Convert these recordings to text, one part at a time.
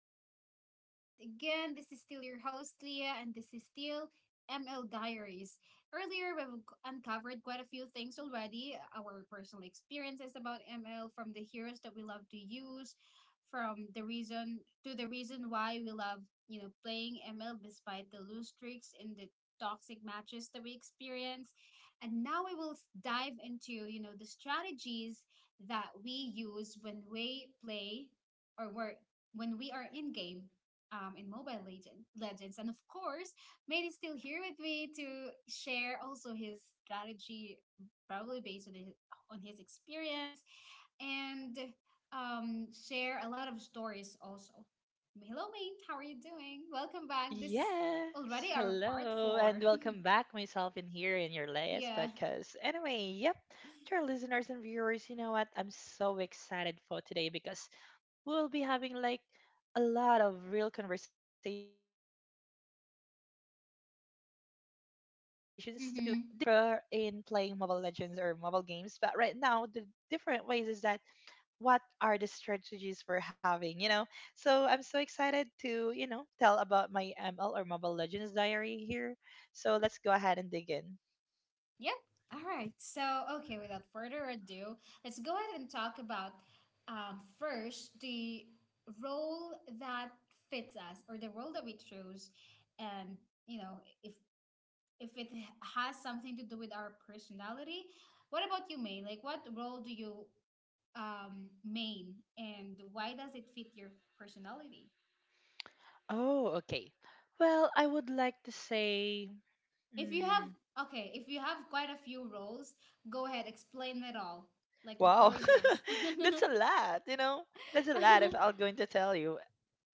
back to the podcast. Again, this is still your host, Leah, and this is still ML Diaries. Earlier, we've uncovered quite a few things already, our personal experiences about ML, from the heroes that we love to use, from the reason to the reason why we love, playing ML despite the loose streaks and the toxic matches that we experience. And now we will dive into, you know, the strategies that we use when we play or where when we are in game, in Mobile Legends. And of course, Mate is still here with me to share also his strategy, probably on his experience, and share a lot of stories also. Hello, Mate. How are you doing? Welcome back. This is Yes, already our part hello, and four. welcome back, myself in here in your latest Yeah. podcast. Anyway, yep, to our listeners and viewers, you know what? I'm so excited for today because we'll be having like a lot of real conversations together with Leah, and yeah, but right now we are going to Mm-hmm. dig deeper in playing Mobile Legends or mobile games. But right now, the different ways is that what are the strategies we're having, you know? So I'm so excited to, you know, tell about my ML or Mobile Legends diary here. So let's go ahead and dig in. Yep. All right. So, okay, without further ado, let's go ahead and talk about, first, the role that fits us, or the role that we choose. And, you know, if it has something to do with our personality, what about you, Maine? Like, what role do you, main, and why does it fit your personality? Oh, okay. Well, I would like to say, If you have, mm, okay, if you have quite a few roles, go ahead, explain it all. Like, the wow, floor is yours. that's a lot, you know? That's a lot if I'm going to tell you.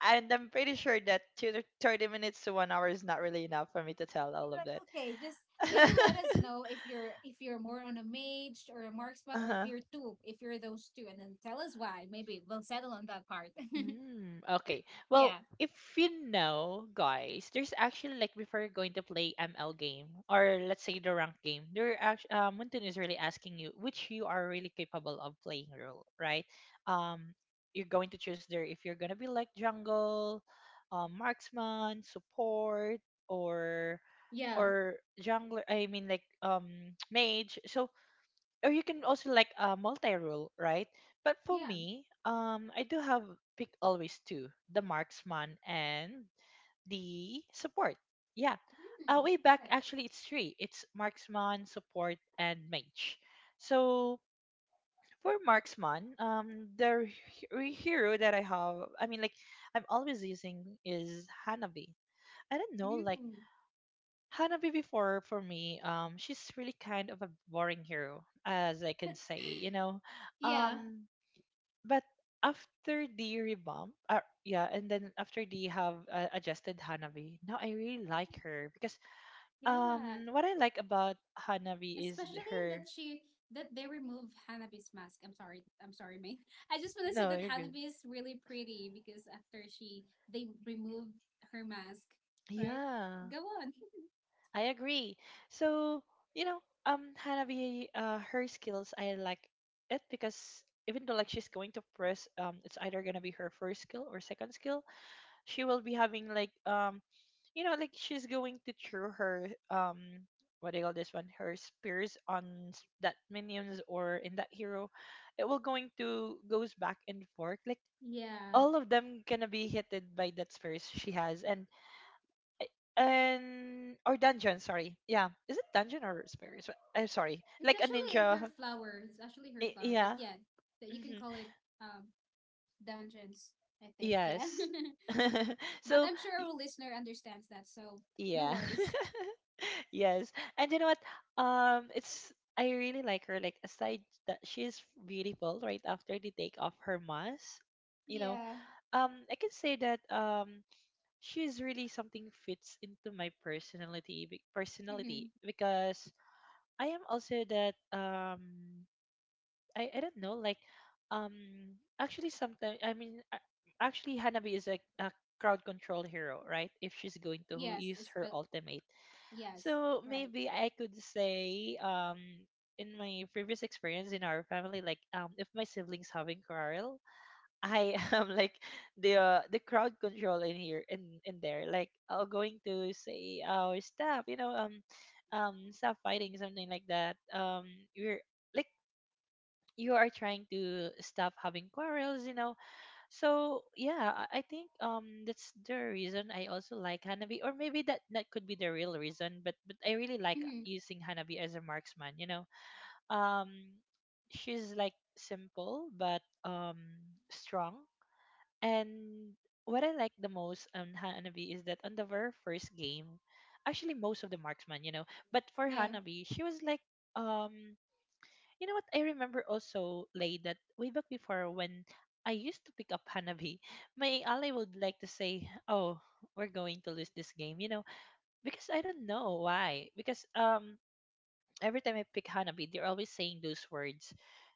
And I'm pretty sure that 30 minutes to 1 hour is not really enough for me to tell Be all of like, that. okay, just maybe let us know if you're more on a mage or a marksman, or if Uh-huh. you're two, if you're those two, and then tell us why. Maybe we'll settle on that part. Okay. Well, Yeah. if you know, guys, there's actually like before you're going to play ML game or let's say the rank game, they're actually Mountain is really asking you which you are really capable of playing role, right? Um, you're going to choose there if you're gonna be like jungle, marksman, support, or Yeah. Jungler. I mean like mage. So or you can also like a multi-rule, right? But for Yeah. me, I do have pick always two, the marksman and the support. Yeah. Mm, Way back, okay. actually, it's three. It's marksman, support, and mage. So for marksman, hero that I have, I mean, like, I'm always using is Hanabi. I don't know, like, Mm. Hanabi before for me, she's really kind of a boring hero, as I can say, you know. Yeah. Um, but after the revamp, yeah, and then after they have adjusted Hanabi, now I really like her because Yeah, what I like about Hanabi is especially that her. she, that they remove Hanabi's mask. I'm sorry, I'm sorry, May. I just want to say No, that you're good. Hanabi is really pretty because after she, they removed her mask, right? Yeah, Go on. I agree. So, you know, Hanabi, her skills, I like it because even though like she's going to press, it's either gonna be her first skill or second skill. She will be having like, you know, like she's going to throw her, what do you call this one? Her spears on that minions or in that hero. It will going to goes back and forth. Like Yeah. all of them gonna be hitted by that spears she has, and or dungeon, sorry, yeah, is it dungeon or spirits? I'm sorry, It's like a actually her ninja. flower. It's actually her flower, but Yeah. yeah, that you can Hmm. call it, um, dungeons, I think. Yeah. Yes. But So. I'm sure our listener understands that, so no Yeah worries. Yes, and you know what? It's, I really like her, like aside that she's beautiful right after they take off her mask, you know. Yeah. I can say that she's really something fits into my personality, Mm-hmm. personality, because I am also that I don't know like um actually sometimes I mean actually Hanabi is a crowd control hero, right? If she's going to Yes, use it's her but ultimate, yes, so right. maybe I could say in my previous experience in our family, like if my siblings having quarrel, I am like the crowd control in here in there, like I going to say our staff, you know, stop fighting, something like that, we're like you are trying to stop having quarrels, you know. So yeah, I think that's the reason I also like Hanabi, or maybe that could be the real reason, but I really like Mm-hmm. using Hanabi as a marksman, you know. um she's like simple but strong, and what I like the most on Hanabi is that on the very first game, actually most of the marksman, you know, but for Yeah. Hanabi she was like um you know what? I remember also, Lay, that way back before when I used to pick up Hanabi, my ally would like to say, "Oh, we're going to lose this game," you know, because I don't know why. Because every time I pick Hanabi, they're always saying those words.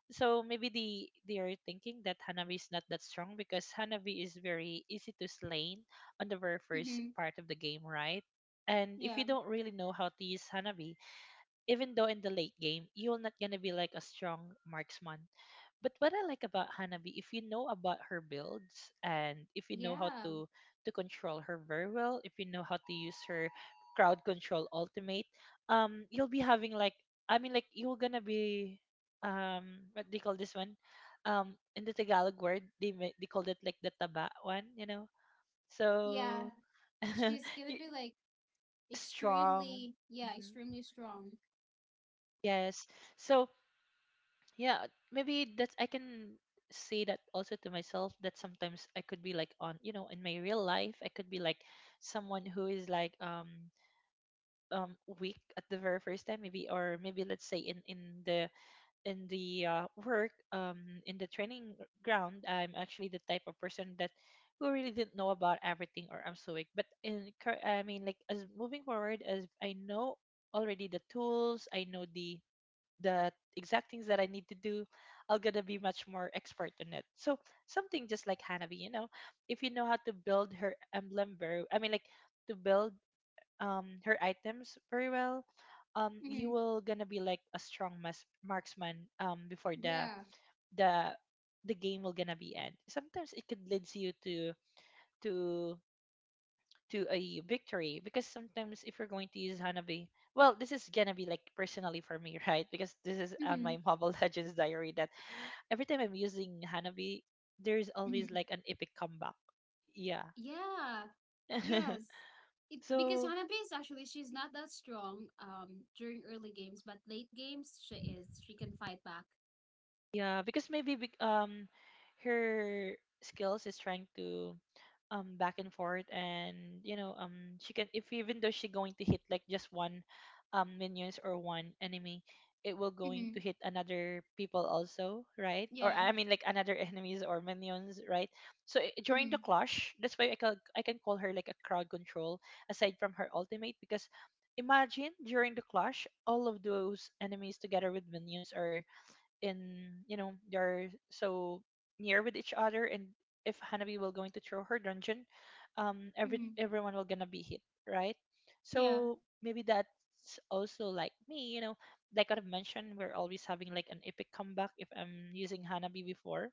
So maybe they are thinking that Hanabi is not that strong because Hanabi is very easy to slay on the very first Mm-hmm. part of the game, right? And if Yeah. you don't really know how to use Hanabi, even though in the late game you're not gonna be like a strong marksman, but what I like about Hanabi, if you know about her builds and if you know how Yeah. to control her very well, if you know how to use her crowd control ultimate, you'll be having like, I mean like you're gonna be what do you call this one? In the Tagalog word, they they called it like the taba one, you know. Yeah. So She's gonna you- be like strong. extremely, yeah, Hmm. extremely strong. Yes. So yeah, maybe that's, I can say that also to myself that sometimes I could be like on, you know, in my real life I could be like someone who is like weak at the very first time, maybe, or maybe let's say the in the work, in the training ground, I'm actually the type of person that who really didn't know about everything or I'm so weak, but in I mean like as moving forward, as I know already the tools, I know the exact things that I need to do, I'll gonna be much more expert on it. So something just like Hanabi, you know, if you know how to build her emblem very, I mean, like to build her items very well, you Mm-hmm. will gonna be like a strong marksman before the Yeah. the game will gonna be end. Sometimes it could leads you to to a victory, because sometimes if you're going to use Hanabi, well, this is gonna be like personally for me, right? Because this is on Mm-hmm. my Mobile Legends diary that every time I'm using Hanabi, there's always Mm-hmm. like an epic comeback. Yeah. Yeah. Yes. It, because So Hanabi is actually, she's not that strong, um, during early games, but late games she is. She can fight back. yeah, because maybe her skills is trying to back and forth, and you know she can, if even though she going to hit like just one minions or one enemy, it will going to Mm-hmm. hit another people also, right? Or Yeah. I mean like another enemies or minions, right? So during Mm-hmm. the clash, that's why I can, I can call her like a crowd control aside from her ultimate, because imagine during the clash all of those enemies together with minions are in, you know, they're so near with each other, and if Hanabi will going to throw her dungeon, every Mm-hmm. everyone will gonna be hit, right? Yeah. So maybe that's also like me, you know, like I've mentioned, we're always having like an epic comeback if I'm using Hanabi before.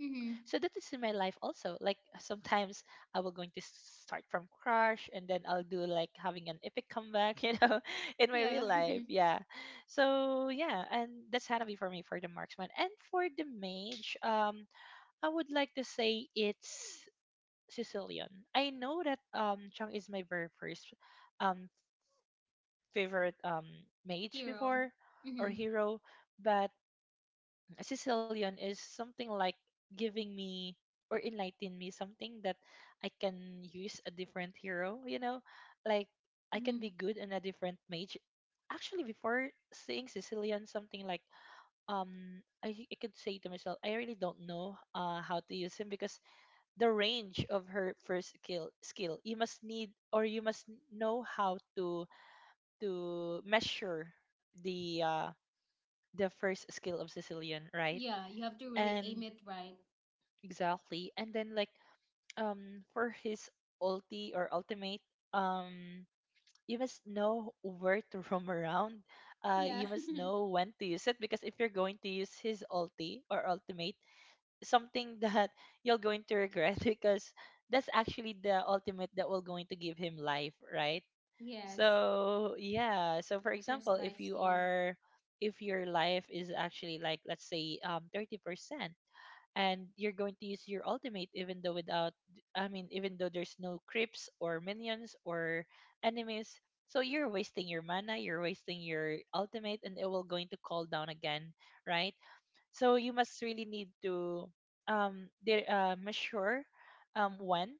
Mm-hmm. So that is in my life also, like sometimes I will going to start from crush and then I'll do like having an epic comeback, you know, in my real Yeah. life, yeah. So yeah, and that's going for me for the marksman, and for the mage, I would like to say it's Sicilian. I know that Chung is my very first um favorite mage Hero. before or Mm-hmm. hero, but Sicilian is something like giving me or enlighten me something that I can use a different hero, you know? Like I can Mm-hmm. be good in a different mage. Actually before saying Sicilian, something like I could say to myself, I really don't know how to use him because the range of her first skill, you must need, or you must know how to measure the uh the first skill of Sicilian, right? Yeah, you have to really aim And it right. exactly. And then like for his ulti or ultimate, um you must know where to roam around. Uh, Yeah. you must know when to use it, because if you're going to use his ulti or ultimate, something that you're going to regret because that's actually the ultimate that will going to give him life, right? Yes. So yeah. So for There's example, if life you steal. are if your life is actually, like, let's say 30% and you're going to use your ultimate even though without I mean even though there's no creeps or minions or enemies, so you're wasting your mana, you're wasting your ultimate, and it will going to call down again, right? So you must really need to measure when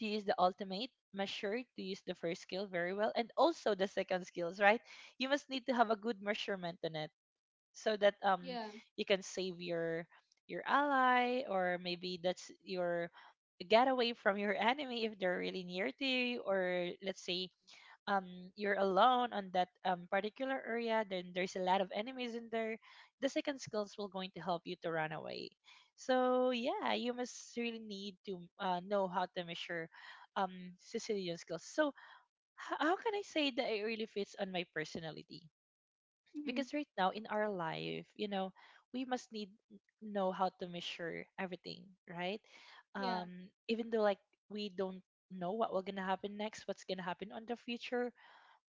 to use the ultimate, measure to use the first skill very well, and also the second skills, right? You must need to have a good measurement on it so that Yeah. you can save your ally, or maybe that's your getaway from your enemy if they're really near to you, or let's say um you're alone on that particular area, then there's a lot of enemies in there, the second skills will going to help you to run away. So yeah, you must really need to know how to measure um Sicilian skills. So how can I say that it really fits on my personality? Because Mm-hmm. right now in our life, you know, we must need know how to measure everything, right? Yeah. Even though, like, we don't know what will gonna happen next, what's gonna happen on the future,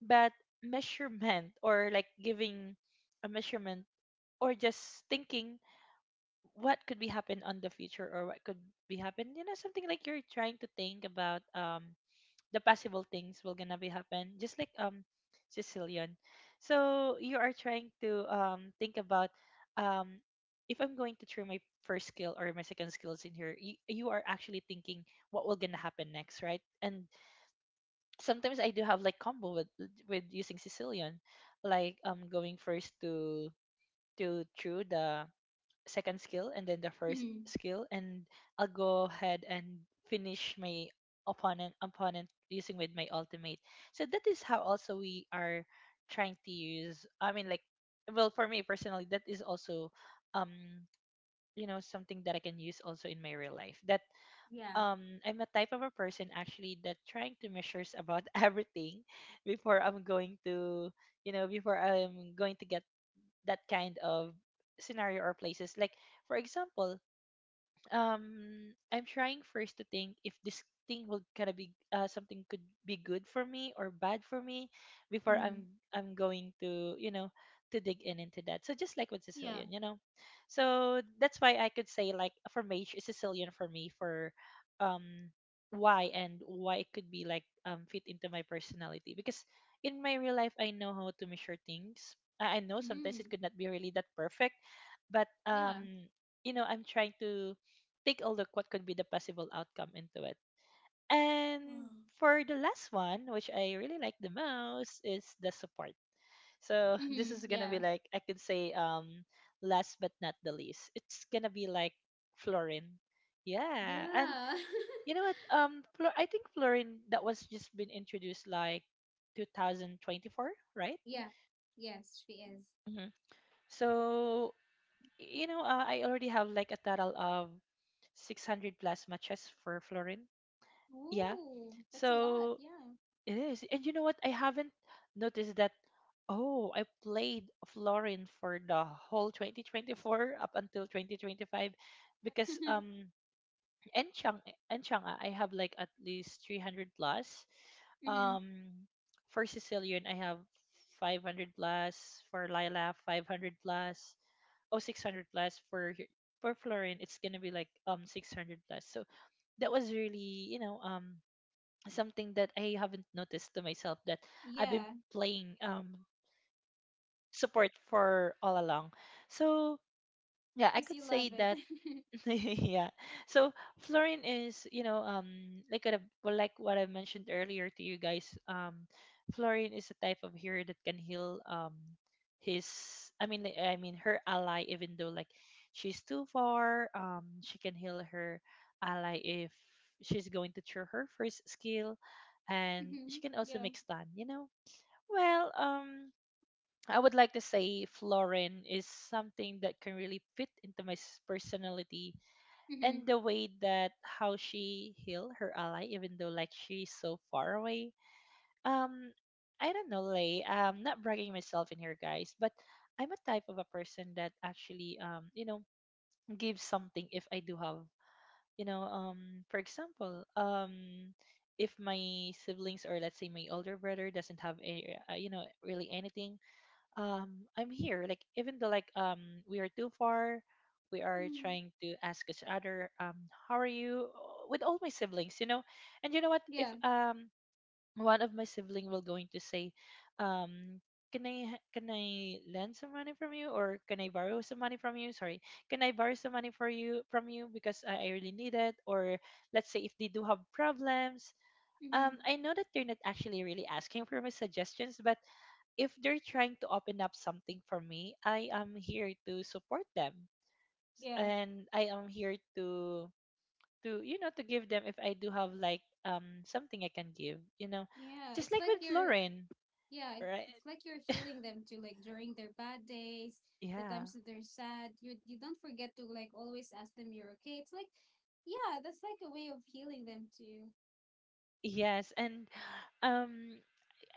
but measurement or like giving a measurement, or just thinking what could be happen on the future or what could be happen, you know, something like you're trying to think about the possible things will gonna be happen, just like Sicilian. So you are trying to think about um if I'm going to try my first skill or my second skills in here, you are actually thinking what will gonna happen next, right? And sometimes I do have, like, combo with using Sicilian, like going first to through the second skill, and then the first Mm-hmm. skill, and I'll go ahead and finish my opponent using with my ultimate. So that is how also we are trying to use, I mean, like, well, for me personally, that is also um you know, something that I can use also in my real life. That Yeah. I'm a type of a person actually that trying to measures about everything before I'm going to, you know, before I'm going to get that kind of scenario or places. Like, for example, um I'm trying first to think if this thing will kind of be something could be good for me or bad for me before Mm-hmm. I'm going to, you know, to dig in into that. So just like with Yeah. Sicilian, you know, so that's why I could say, like, for mage, it's Sicilian for me, for um why and why it could be like fit into my personality, because in my real life, I know how to measure things. I know sometimes Mm-hmm. it could not be really that perfect, but Yeah. You know, I'm trying to take a look what could be the possible outcome into it. Wow. And for the last one, which I really like the most, is the support. So this Mm-hmm. is gonna be Yeah. like I could say, last but not the least, it's gonna be like Florin. Yeah. And Yeah. you know what? I think Florin that was just been introduced like 2024, right? Yeah. Yes, she is. Hmm. So, you know, I already have like a total of 600 plus matches for Florin. Yeah, Ooh, that's a lot. so Yeah. it is. And you know what? I haven't noticed that. Oh, I played Florin for the whole 2024 up until 2025, because Enchang Enchang, ah, I have like at least 300 plus. Hmm. Um for Sicilian I have 500 plus, for Lila 500 plus. Oh, 600 plus for for Florin it's going to be like 600 plus. So that was really, you know, something that I haven't noticed to myself, that I've been Yeah, playing support for all along. So yeah, I because could you love say it. that yeah. So fluorine is, you know, like a, well, like what I mentioned earlier to you guys. Fluorine is a type of hero that can heal. His, I mean, like, I mean, her ally, even though like she's too far. She can heal her ally if she's going to throw her first skill, and Hmm. she can also Yeah. make stun, you know. Well, I would like to say Florin is something that can really fit into my personality, Hmm. and the way that how she healed her ally even though like she's so far away. um I don't know, Lay, not bragging myself in here guys, but I'm a type of a person that actually you know, gives something if I do have, you know, for example, if my siblings or let's say my older brother doesn't have a you know, really anything. um I'm here, like, even though like we are too far, we are Mm. trying to ask each other how are you, with all my siblings, you know. And you know what, if Yeah. One of my sibling will going to say um can I can I lend some money from you, or can I borrow some money from you? Sorry, can I borrow some money for you from you, because I really need it, or let's say if they do have problems. Hmm. I know that they're not actually really asking for my suggestions, but if they're trying to open up something for me, I am here to support them, Yeah. and I am here to you know, to give them if I do have like something I can give, you know, Yeah. just It's like like with you're. Florin, Yeah, it- right? it's like you're healing them too. Like during their bad days, the Yeah. times that they're sad, you don't forget to like always ask them you're okay. It's like, yeah, that's like a way of healing them too. Yes, and um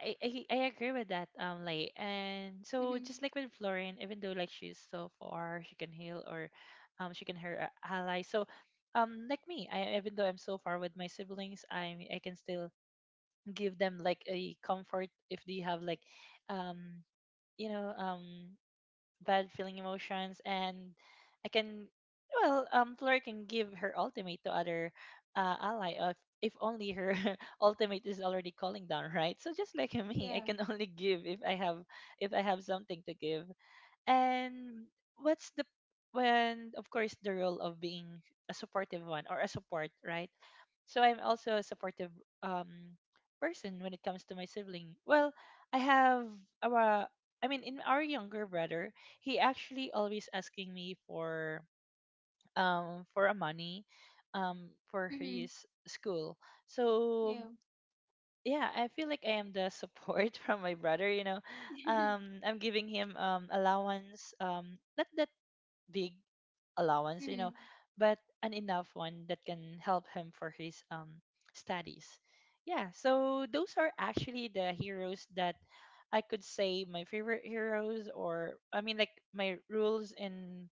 I agree with that, Lay. And so Hmm. just like with Florian, even though like she's so far, she can heal or she can hurt her ally. So like me, I even though I'm so far with my siblings, I can still give them like a comfort if they have like um you know bad feeling emotions. And I can, well, Fleur can give her ultimate to other ally of if only her ultimate is already calling down, right? So just like me, I Yeah. can only give if I have something to give. And what's the when, of course, the role of being a supportive one or a support, right? So I'm also a supportive um person when it comes to my sibling. Well, I have our I mean, in our younger brother, he actually always asking me for a money for Hmm. his school. So Yeah. yeah, I feel like I am the support from my brother, you know. I'm giving him allowance not that big allowance, you know, Hmm. but an enough one that can help him for his studies. Yeah, so those are actually the heroes that I could say my favorite heroes, or I mean, like, my rules in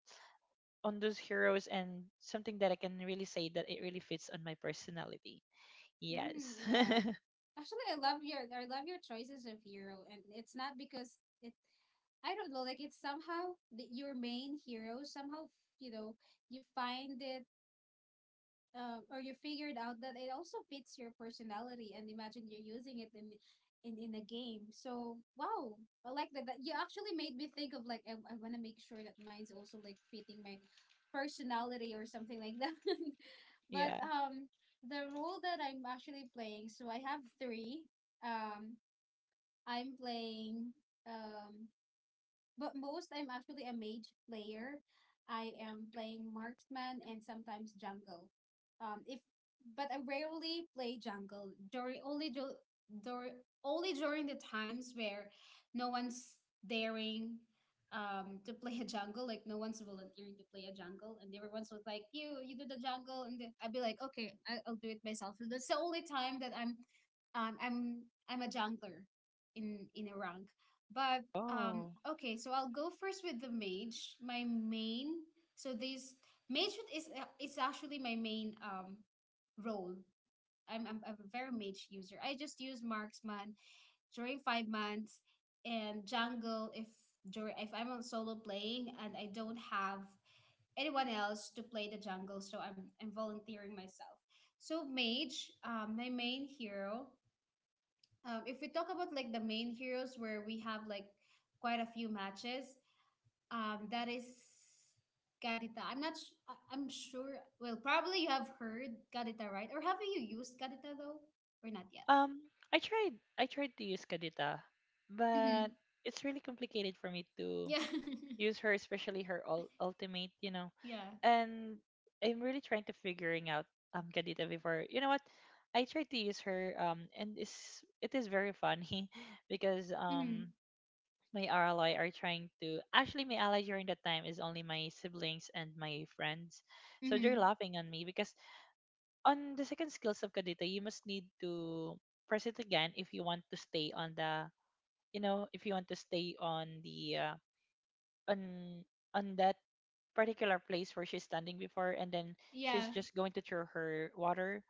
on those heroes, and something that I can really say that it really fits on my personality. Yes. Mm, wow. Actually, I love your, I love your choices of hero, and it's not because it. I don't know. Like, it's somehow the, your main hero. Somehow you know you find it, or you figured out that it also fits your personality, and imagine you're using it in in a game. So wow, I like that, that you actually made me think of like I want to make sure that mine's also like fitting my personality or something like that. But Yeah. The role that I'm actually playing, so I have three, um I'm playing, um but most, I'm actually a mage player. I am playing marksman and sometimes jungle. If But I rarely play jungle during only only during the times where no one's daring, to play a jungle, like no one's volunteering to play a jungle and everyone's was like, you do the jungle, and the- I'd be like, okay, I- I'll do it myself. So that's the only time that I'm I'm a jungler in a rank. But, Oh. okay, so I'll go first with the mage. My main, so this mage is, is actually my main, role. I'm a very mage user. I just use marksman during 5 months, and jungle if during if I'm on solo playing and I don't have anyone else to play the jungle, so I'm volunteering myself. So mage, my main hero. If we talk about like the main heroes where we have like quite a few matches, that is Gadita. I'm not. Sh- I- I'm sure. Well, probably you have heard Gadita, right? Or have you used Gadita though, or not yet? Um, I tried I tried to use Kadita, but Mm-hmm. it's really complicated for me to Yeah. use her, especially her ultimate, you know. Yeah. And I'm really trying to figuring out Gadita before. You know what? I tried to use her and it is very funny because Mm-hmm. My ally are trying to actually my ally during that time is only my siblings and my friends. So Mm-hmm. they're laughing on me because on the second skills of Kadita you must need to press it again if you want to stay on the, you know, if you want to stay on the on on that particular place where she's standing before, and then she's Yeah. just going to throw her water.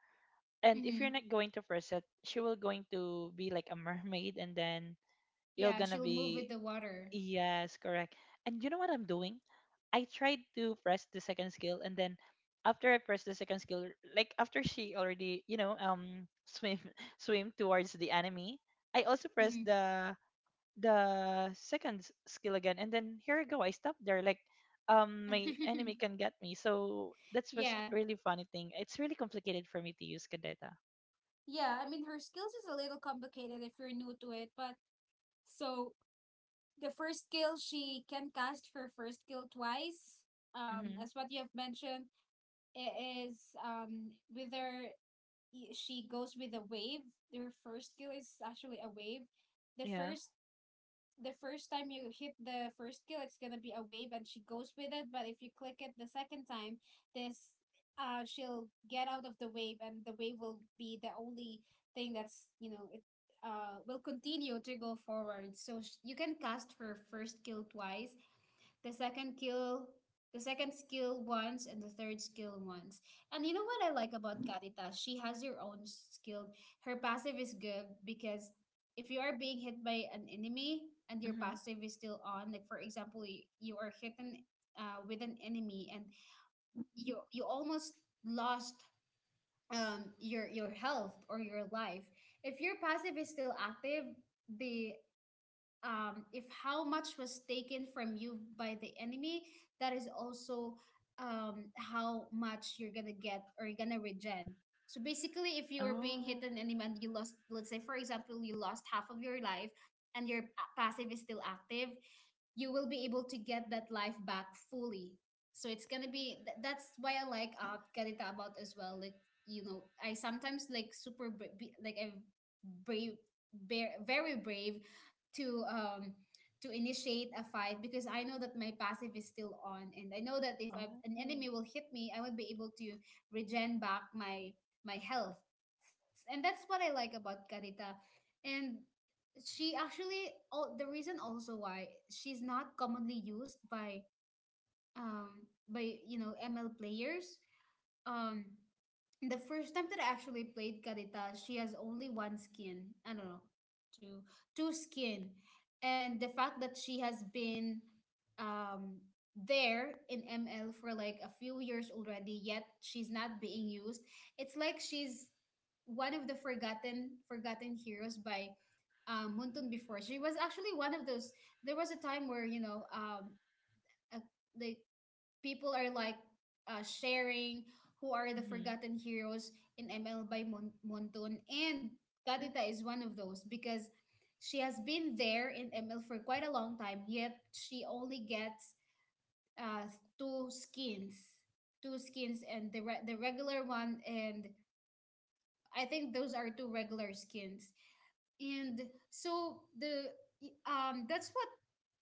And if Mm-hmm. you're not going to press it, she will going to be like a mermaid, and then you're Yeah. gonna She'll move with be, the water. yes, correct. And you know what I'm doing? I tried to press the second skill, and then after I pressed the second skill, like after she already, you know, swim swim towards the enemy, I also pressed Mm-hmm. The second skill again, and then here I go, I stop there, like, my enemy can get me. So that's was Yeah. really funny thing, it's really complicated for me to use Kadeta. Yeah. I mean, her skills is a little complicated if you're new to it, but so the first skill, she can cast her first skill twice. Mm-hmm. As what you have mentioned, it is, um, whether I- she goes with a wave. Their first skill is actually a wave. The Yeah. first the first time you hit the first skill, it's gonna be a wave, and she goes with it. But if you click it the second time, this, uh, she'll get out of the wave, and the wave will be the only thing that's, you know, it, uh, will continue to go forward. So sh- you can cast her first skill twice, the second skill the second skill once, and the third skill once. And you know what I like about Katita? She has her own skill, her passive is good, because if you are being hit by an enemy and your Mm-hmm. passive is still on, like for example, you are hit an-, with an enemy, and you almost lost, um, your health or your life. If your passive is still active, the, if how much was taken from you by the enemy, that is also, how much you're gonna get or you're gonna regen. So basically, if you are being Oh. hit an enemy and you lost, let's say for example, you lost half of your life, and your passive is still active, you will be able to get that life back fully. So it's gonna be th- that's why I like, uh, Karita about as well. Like, you know, I sometimes like super bra-, be, like I'm brave, bear, very brave to, um, to initiate a fight, because I know that my passive is still on, and I know that if I, an Oh. enemy will hit me, I would be able to regen back my my health. And that's what I like about Karita. And she actually, oh, the reason also why she's not commonly used by, by, you know, ML players. Um, the first time that I actually played Carita, she has only one skin. I don't know, two, two skin, and the fact that she has been, um there in ML for like a few years already, yet she's not being used. It's like she's one of the forgotten heroes by, um, Muntun before. She was actually one of those. There was a time where, you know, a- Like people are like, sharing who are the Mm-hmm. forgotten heroes in ML by Monton. And Kadita is one of those, because she has been there in ML for quite a long time, yet she only gets, uh, two skins. Two skins and the, the regular one, and I think those are two regular skins, and so the, that's what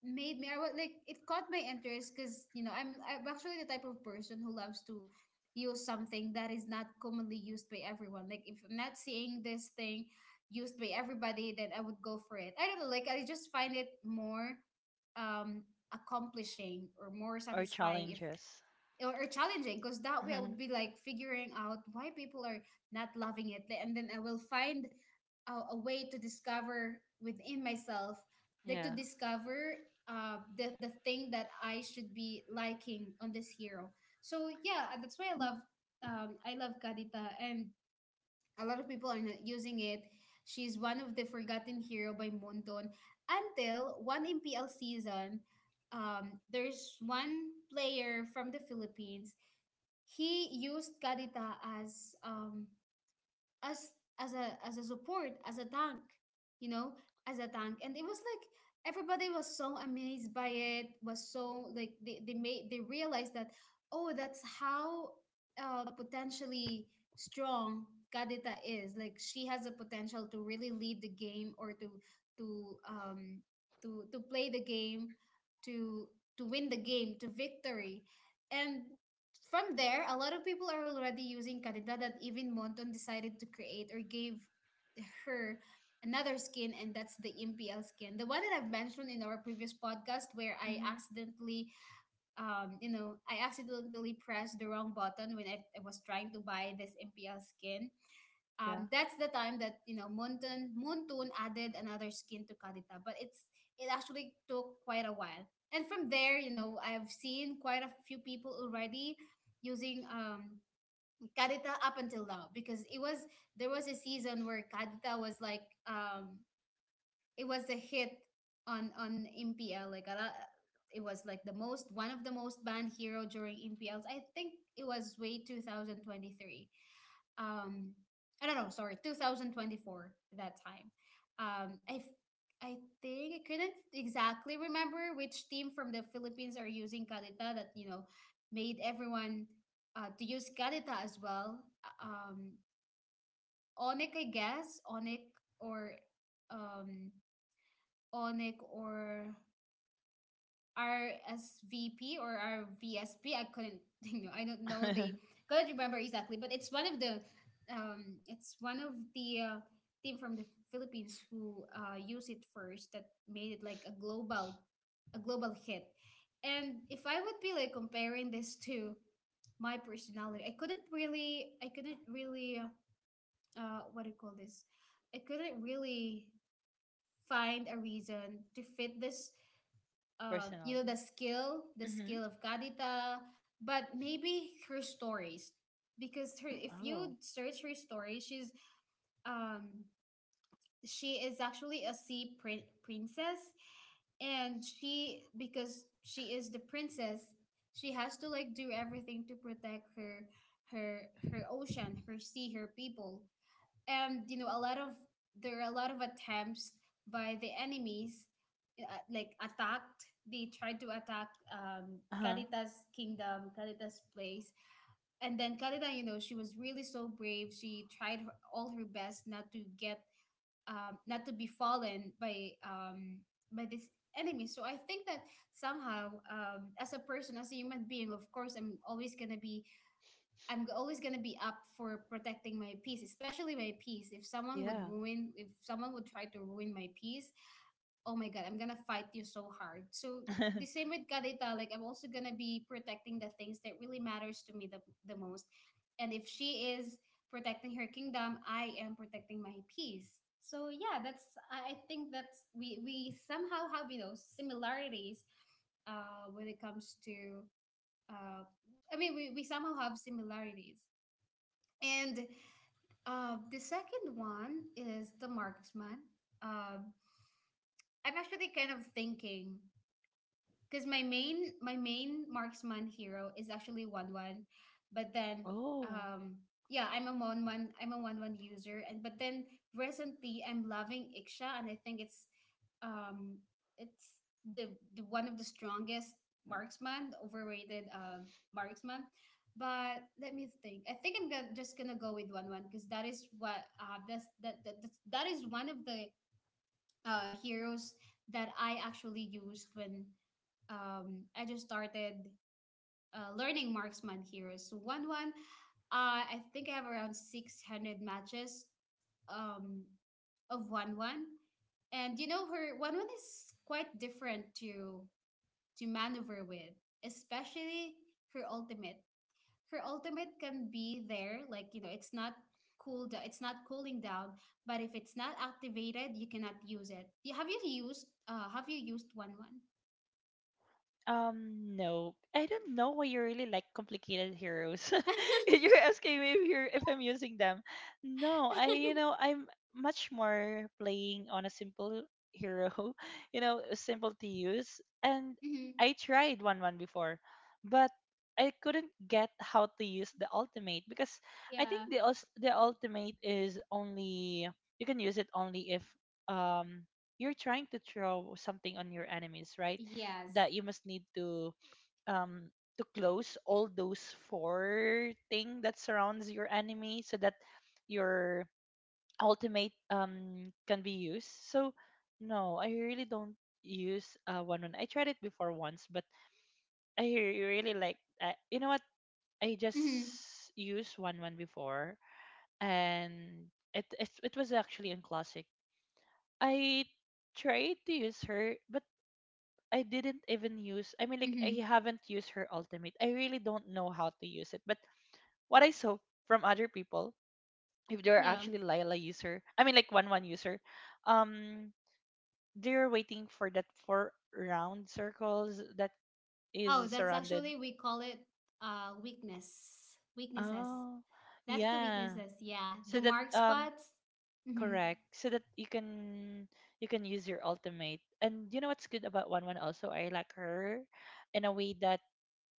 made me, I was like, it caught my interest, because you know I'm actually the type of person who loves to use something that is not commonly used by everyone. Like if I'm not seeing this thing used by everybody, then I would go for it. I don't know, like I just find it more, um, accomplishing or more Or satisfying if, challenges. or, or challenging, because that way I Mm-hmm. would be like figuring out why people are not loving it, and then I will find a way to discover within myself, like to Yeah. discover, the thing that I should be liking on this hero. So yeah, and that's why I love, I love Kadita, and a lot of people are not using it. She's one of the forgotten hero by Monton, until one MPL season, there's one player from the Philippines. He used Gadita as, um, as as a support, as a tank, you know, as a tank. And it was like everybody was so amazed by it, was so like they made they realized that, oh that's how, uh, potentially strong Kadita is. Like she has the potential to really lead the game or to um to play the game to to win the game to victory. And from there, a lot of people are already using Kadida that even Monton decided to create or gave her another skin, and that's the MPL skin. The one that I've mentioned in our previous podcast where I Mm-hmm. accidentally, you know, I accidentally pressed the wrong button when I was trying to buy this MPL skin. Yeah. That's the time that you know Mountain Moonton added another skin to Kadita, but it actually took quite a while. And from there, you know, I've seen quite a few people already using Kadita up until now because it was there was a season where Kadita was like, it was a hit on MPL like a lot, it was like the most one of the most banned hero during MPLs. I think it was way 2023, um I don't know, sorry, 2024 that time. Um, I f- I think I couldn't exactly remember which team from the Philippines are using Galita that you know made everyone to use Galita as well. Uh, Um, Onik, I guess, um, Onik or RSVP or RVSP. I couldn't, I don't couldn't remember exactly, but it's one of the, um, it's one of the uh, team from the Philippines who used it first that made it like a global hit. And if I would be like comparing this to my personality, I couldn't really, what do you call this? I couldn't really find a reason to fit this, you know, Personality. The Mm-hmm. skill of Kadita, but maybe her stories, because her, if Oh. you search her story, she's um she is actually a princess, and she because she is the princess, she has to like do everything to protect her her ocean, her sea, her people. And you know, a lot of there are a lot of attempts by the enemies, uh, like attacked, they tried to attack Uh-huh. Carita's kingdom, Carita's place. And then Carita, you know, she was really so brave, she tried her, all her best not to get not to be fallen by this enemy. So I think that somehow, as a person, as a human being, of course, I'm always gonna be up for protecting my peace, especially my peace. If someone would Yeah. ruin, if someone would try to ruin my peace, oh my god, I'm gonna fight you so hard. So the same with Kadita, like I'm also gonna be protecting the things that really matters to me the most. And if she is protecting her kingdom, I am protecting my peace. So yeah, that's I think that's we somehow have, you know, similarities when it comes to uh, I mean, we somehow have similarities. And the second one is the marksman. Um, I'm actually kind of thinking, because my main marksman hero is actually one one, but then Oh. um yeah, I'm a one one user. And but then recently I'm loving Iksha, and I think it's um it's the the one of the strongest marksman, overrated, marksman. But let me think. I think just gonna go with one one, because that is what that's that, that that's- that is one of the heroes that I actually used when, I just started learning marksman heroes. So one one, I think I have around 600 matches um, of one one. And you know, her one one is quite different to maneuver with, especially her ultimate Her ultimate can be there, like you know, it's not it's not cooling down, but if it's not activated you cannot use it. Have you used have you used one one? No, I don't know why you really like complicated heroes. If you're asking me if you're if I'm using them. No, I you know, I'm much more playing on a simple hero, you know, simple to use. And Mm-hmm. I tried one one before, but I couldn't get how to use the ultimate, because I Yeah. think the the ultimate is only, you can use it only if um you're trying to throw something on your enemies, right? Yes. That you must need um to close all those four thing that surrounds your enemy so that your ultimate can be used. So no, I really don't use one one. I tried it before once, but I really like, you know what? I just Mm-hmm. used one one before, and it was actually in classic. I tried to use her, but I didn't even use, I mean, like, Mm-hmm. I haven't used her ultimate. I really don't know how to use it. But what I saw from other people, if they're Yeah. actually Lila user, I mean like one one user, um they're waiting for that four round circles that Oh, is that's surrounded. actually we call it weakness, weaknesses. Oh That's the yeah. weaknesses, yeah, So the that mark spots. Mm-hmm. correct. So that you can use your ultimate. And you know what's good about one one also? I like her in a way that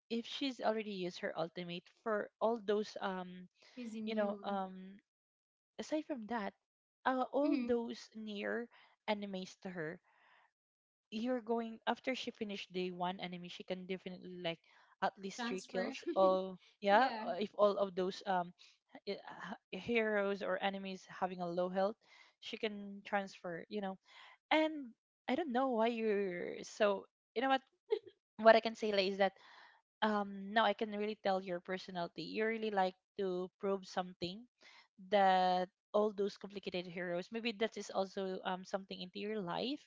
if she's already used her ultimate for all those Is you know immune. um aside from that all Mm-hmm. those near animes to her you're going after she finished day one anime she can definitely like at least three Transfer. kills all yeah, Yeah. If all of those heroes or enemies having a low health she can transfer, you know. And I don't know why you're so, you know what I can say like, is that now I can really tell your personality. You really like to probe something, that all those complicated heroes maybe that is also something into your life,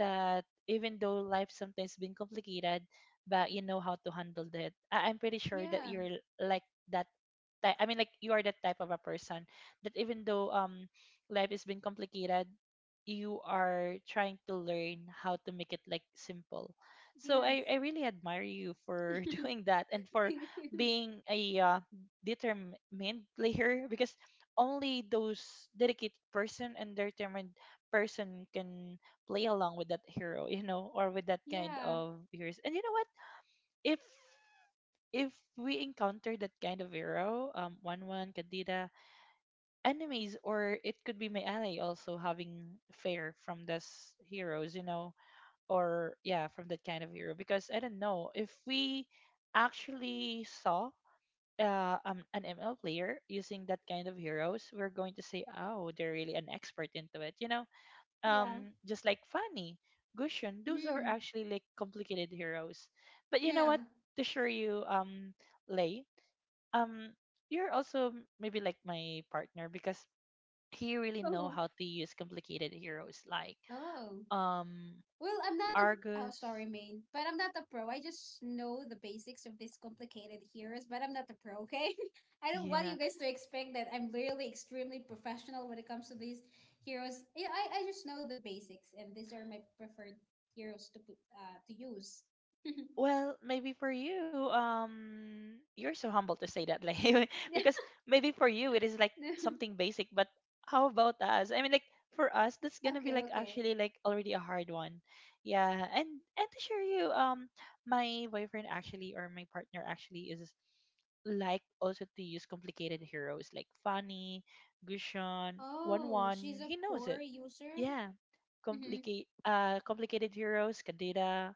that even though life sometimes been complicated, but you know how to handle that. I'm pretty sure that Yeah. you're like that type. I mean like you are that type of a person that even though life has been complicated, you are trying to learn how to make it like simple. So Yes. I really admire you for Thank doing that and for you. being a determined player because only those dedicated person and determined person can play along with that hero, you know, or with that kind Yeah, of heroes. And you know what? If if we encounter that kind of hero, one one Candida enemies, or it could be my ally also having fear from those heroes, you know, or yeah from that kind of hero because I don't know if we actually saw an ML player using that kind of heroes, we're going to say oh they're really an expert into it, you know. yeah. Just like Fanny, Gushin, those are Mm, actually like complicated heroes. But you know yeah. what, to show you, Lei, um you're also maybe like my partner because he really know Oh, how to use complicated heroes like oh. um Well, I'm not a, oh Argus, sorry, main, but I'm not a pro. I just know the basics of these complicated heroes, but I'm not a pro, okay? I don't want yeah. you guys to expect that I'm really extremely professional when it comes to these heroes. Yeah, I just know the basics, and these are my preferred heroes to put to use. Well, maybe for you, you're so humble to say that, like, because maybe for you it is like something basic, but how about us? I mean, like for us, that's gonna be Okay, like okay. actually like already a hard one, yeah. And to share you, my boyfriend actually or my partner actually is like also to use complicated heroes like Funny, Gushon, One Oh, One. she's a He knows core it. user? Yeah. Mm-hmm. Complicate complicated heroes, Kadira,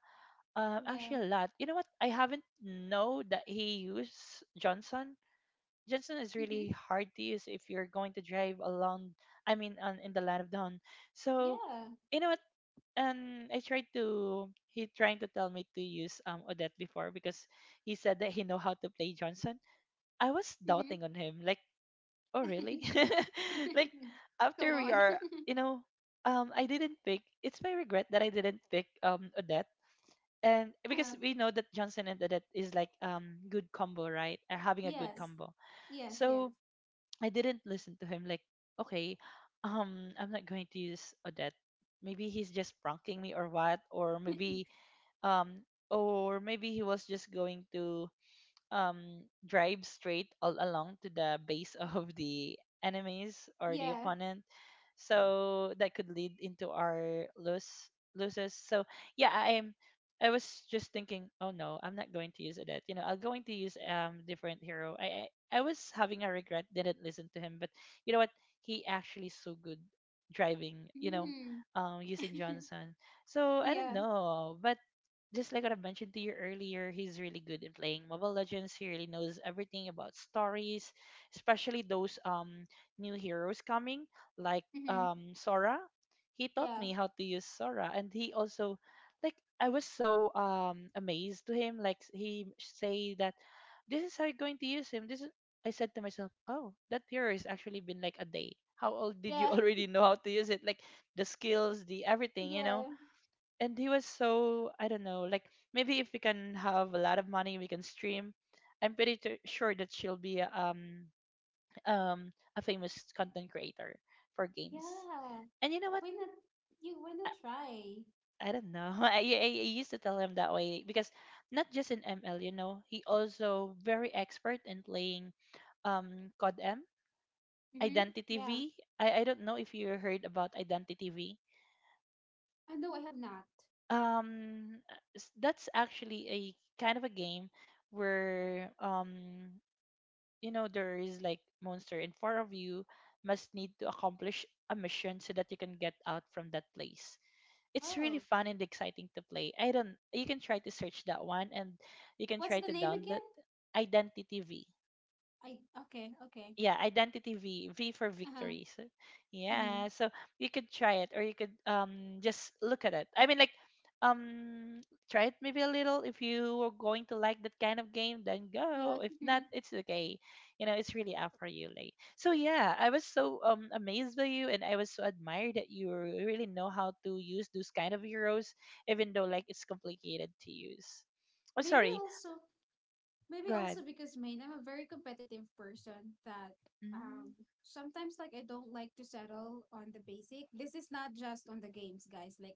Yeah. actually, a lot. You know what? I haven't know that he used Johnson. Johnson is Mm-hmm. really hard to use if you're going to drive along. I mean, on, in the land of dawn. So, Yeah. you know what? And I tried to. He trying to tell me to use Odette before because he said that he know how to play Johnson. I was Mm-hmm. doubting on him. Like, oh really? Like, Come after we on. are, you know, I didn't pick. It's my regret that I didn't pick Odette, and because Uh, we know that Johnson and Odette is like good combo, right? Having a good yes, combo. yes, yes. So I didn't listen to him. Like, okay, I'm not going to use Odette. Maybe he's just pranking me or what, or maybe he was just going to drive straight all along to the base of the enemies or the Yeah. opponent. So that could lead into our lose loses. So yeah, I was just thinking, oh no, I'm not going to use Odette. You know, I'm going to use different hero. I was having a regret, didn't listen to him, but you know what? He actually so good driving, you know, Mm. Using Johnson. So I don't Yeah. know, but just like what I mentioned to you earlier, he's really good in playing Mobile Legends. He really knows everything about stories, especially those new heroes coming, like Mm-hmm. Sora. He taught Yeah. me how to use Sora, and he also like I was so amazed to him. Like he say that this is how you're going to use him. This is I said to myself, oh, that hero has actually been like a day. How old did you Yeah. already know how to use it? Like the skills, the everything, you know, Yeah. and he was so I don't know, like maybe if we can have a lot of money, we can stream. I'm pretty sure that she'll be a famous content creator for games. Yeah. And you know what? Why not? You, why not I, try? I don't know. I used to tell him that way because not just in ML, you know, he also very expert in playing COD M, Mm-hmm. Identity Yeah. V. I don't know if you heard about Identity V. No, I have not. um that's actually a kind of a game where you know there is like monster in four of you must need to accomplish a mission so that you can get out from that place. It's really Oh, fun and exciting to play. I don't, you can try to search that one, and you can what's try the to name download again? Identity V, I, okay. Okay. yeah. Identity V, V for Uh huh. victory. So Mm-hmm. yeah so you could try it or you could just look at it, I mean like um try it maybe a little. If you are going to like that kind of game then Yeah. go, if not it's okay. You know it's really up for you like. So yeah I was so amazed by you and I was so admired that you really know how to use those kind of heroes even though like it's complicated to use. Oh Maybe sorry, also. Maybe go ahead. also, because main, I'm a very competitive person, that Mhm. um sometimes, like, I don't like to settle on the basic. This is not just on the games, guys. Like,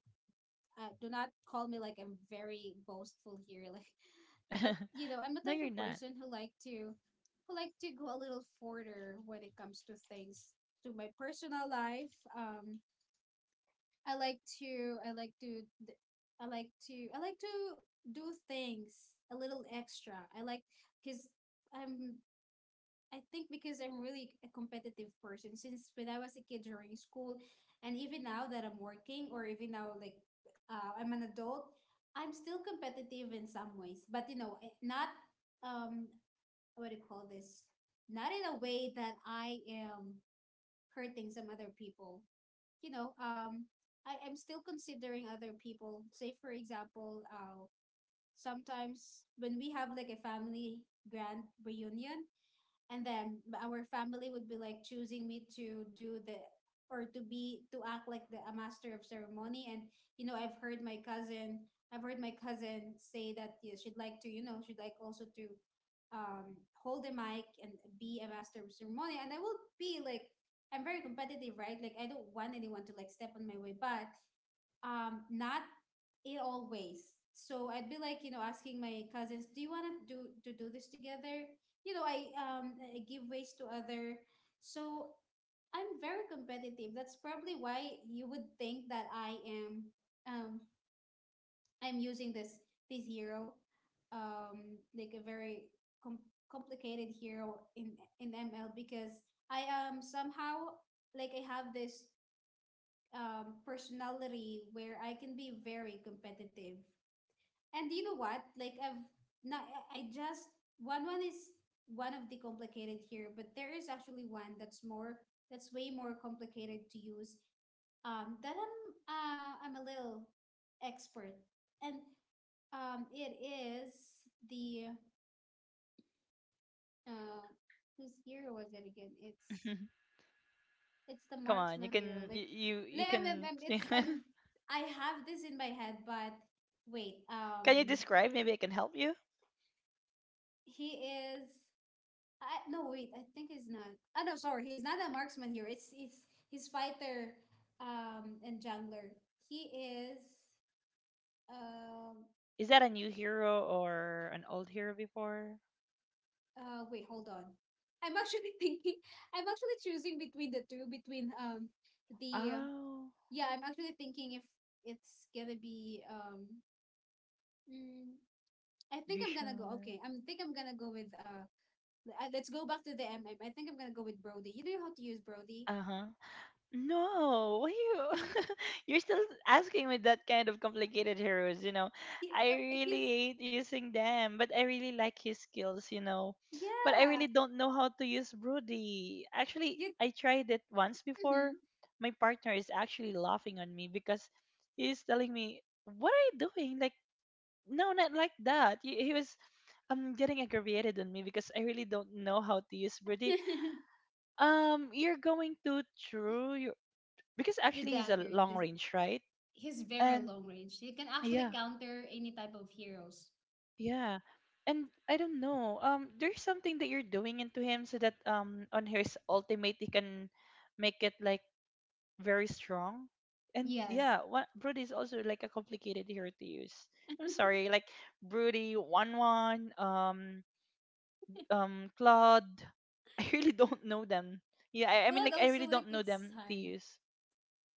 do not call me like I'm very boastful here. Like, but you know, I'm the No type you're of not. person who like to go a little further when it comes to things, to my personal life. I like to d- I like to do things a little extra. I like, because I'm I think because I'm really a competitive person, since when I was a kid during school and even now that I'm working, or even now like, I'm an adult, I'm still competitive in some ways, but you know, eh, not, um what do you call this? Not in a way that I am hurting some other people, you know. I'm still considering other people. Say for example, sometimes when we have like a family grand reunion, and then our family would be like choosing me to do the or to be to act like the a master of ceremony. And you know, I've heard my cousin say that, yeah, she'd like to, you know, she'd like also to hold the mic and be a master of ceremony. And I will be like, I'm very competitive, right, like I don't want anyone to like step on my way. But not it always so, I'd be like, you know, asking my cousins, do you want to do this together? You know, I give ways to other. So I'm very competitive. That's probably why you would think that I am, um I'm using this hero, like a very com- complicated hero in ML, because I am somehow like I have this, personality where I can be very competitive. And you know what? Like I've not, I just, one one is one of the complicated here, but there is actually one that's more that's way more complicated to use. That I'm, I'm a little expert, and it is the, uh, whose year was it again? It's the Come Marx on, you material. can you Like can. I'm- it's I'm, I have this in my head, but wait. Can you describe? Maybe I can help you. He is. I, no wait. I think he's not. Oh no, sorry. He's not a marksman here. It's he's fighter, and jungler. He is. Um. Is that a new hero or an old hero before? Wait. Hold on. I'm actually thinking. I'm actually choosing between the two. Between the Oh, yeah. I'm actually thinking if it's gonna be mm, I think I'm gonna go. Gushar. Okay, I'm think I'm gonna go with Let's go back to the MM. Think I'm gonna go with Brody. You know how to use Brody. Uh huh. No, why you you're still asking me that kind of complicated heroes, you know. He I he's really hate using them, but I really like his skills, you know. But I really Yeah. don't know how to use Broody. Actually, You. I tried it once before. Mhm. My partner is actually laughing on me because he's telling me, "What are you doing?" Like, no, not like that. He was getting aggravated on me because I really don't know how to use Broody, you're going to true because The actually he's a dagger. long range, right? He's very And long range. He can actually yeah, counter any type of heroes. yeah. And I don't know. There's something that you're doing into him so that on his ultimate he can make it like very strong. And Yes. yeah, what Broody is also like a complicated hero to use. I'm sorry, like Broody, one one, Claude. I really Y- don't know them. Yeah, I mean Claude like I really also, like, don't know it's them to fine. use.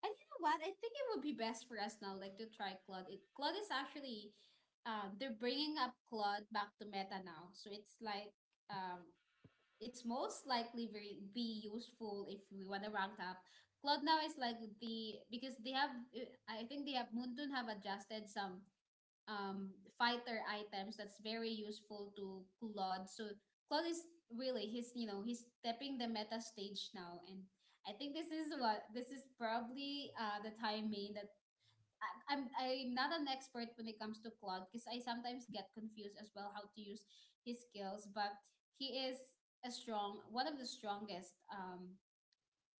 And you know what? I think it would be best for us now, like, to try Claude. It Claude is actually, they're bringing up Claude back to meta now. So it's like, um it's most likely very be useful if we want to rank up. Cloud now is like the because they have, I think they have, Moonton have adjusted some um fighter items that's very useful to Claude. So Claude is really he's you know he's stepping the meta stage now, and I think this is probably the timing that I'm not an expert when it comes to Claude because I sometimes get confused as well how to use his skills. But he is a strong, one of the strongest um,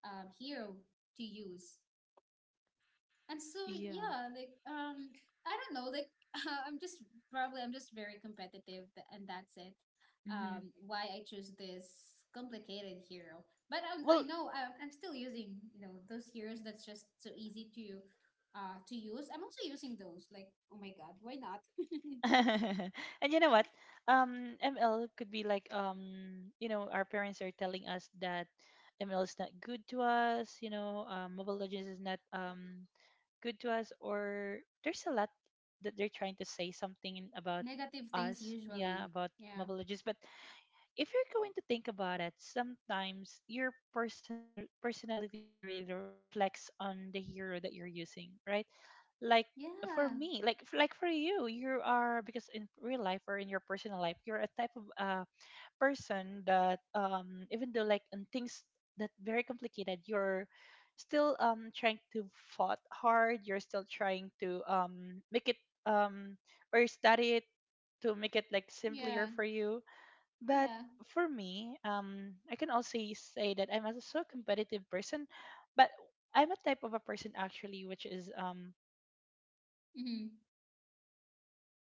um hero to use. And so Yeah. yeah like um I don't know, like I'm just probably, I'm just very competitive and that's it, Mm-hmm. Why I choose this complicated hero. But I Well, know I'm still using, you know, those heroes that's just so easy to use. I'm also using those, like, oh my god, why not? and you know what? ML could be like you know, our parents are telling us that ML is not good to us. You know, Mobile Legends is not good to us, or there's a lot that they're trying to say something about Negative things, us. Yeah, usually. about Yeah. Mobile Legends, but if you're going to think about it, sometimes your personality really reflects on the hero that you're using, right? Like for Yeah, me, like like for you, you are because in real life or in your personal life, you're a type of person that even though like in things that very complicated, you're still trying to fought hard. You're still trying to make it um or study it to make it like yeah, simpler for you, but yeah. for me, I can also say that I'm a so competitive person, but I'm a type of a person actually which is I want to make Mm-hmm. things simpler. You know,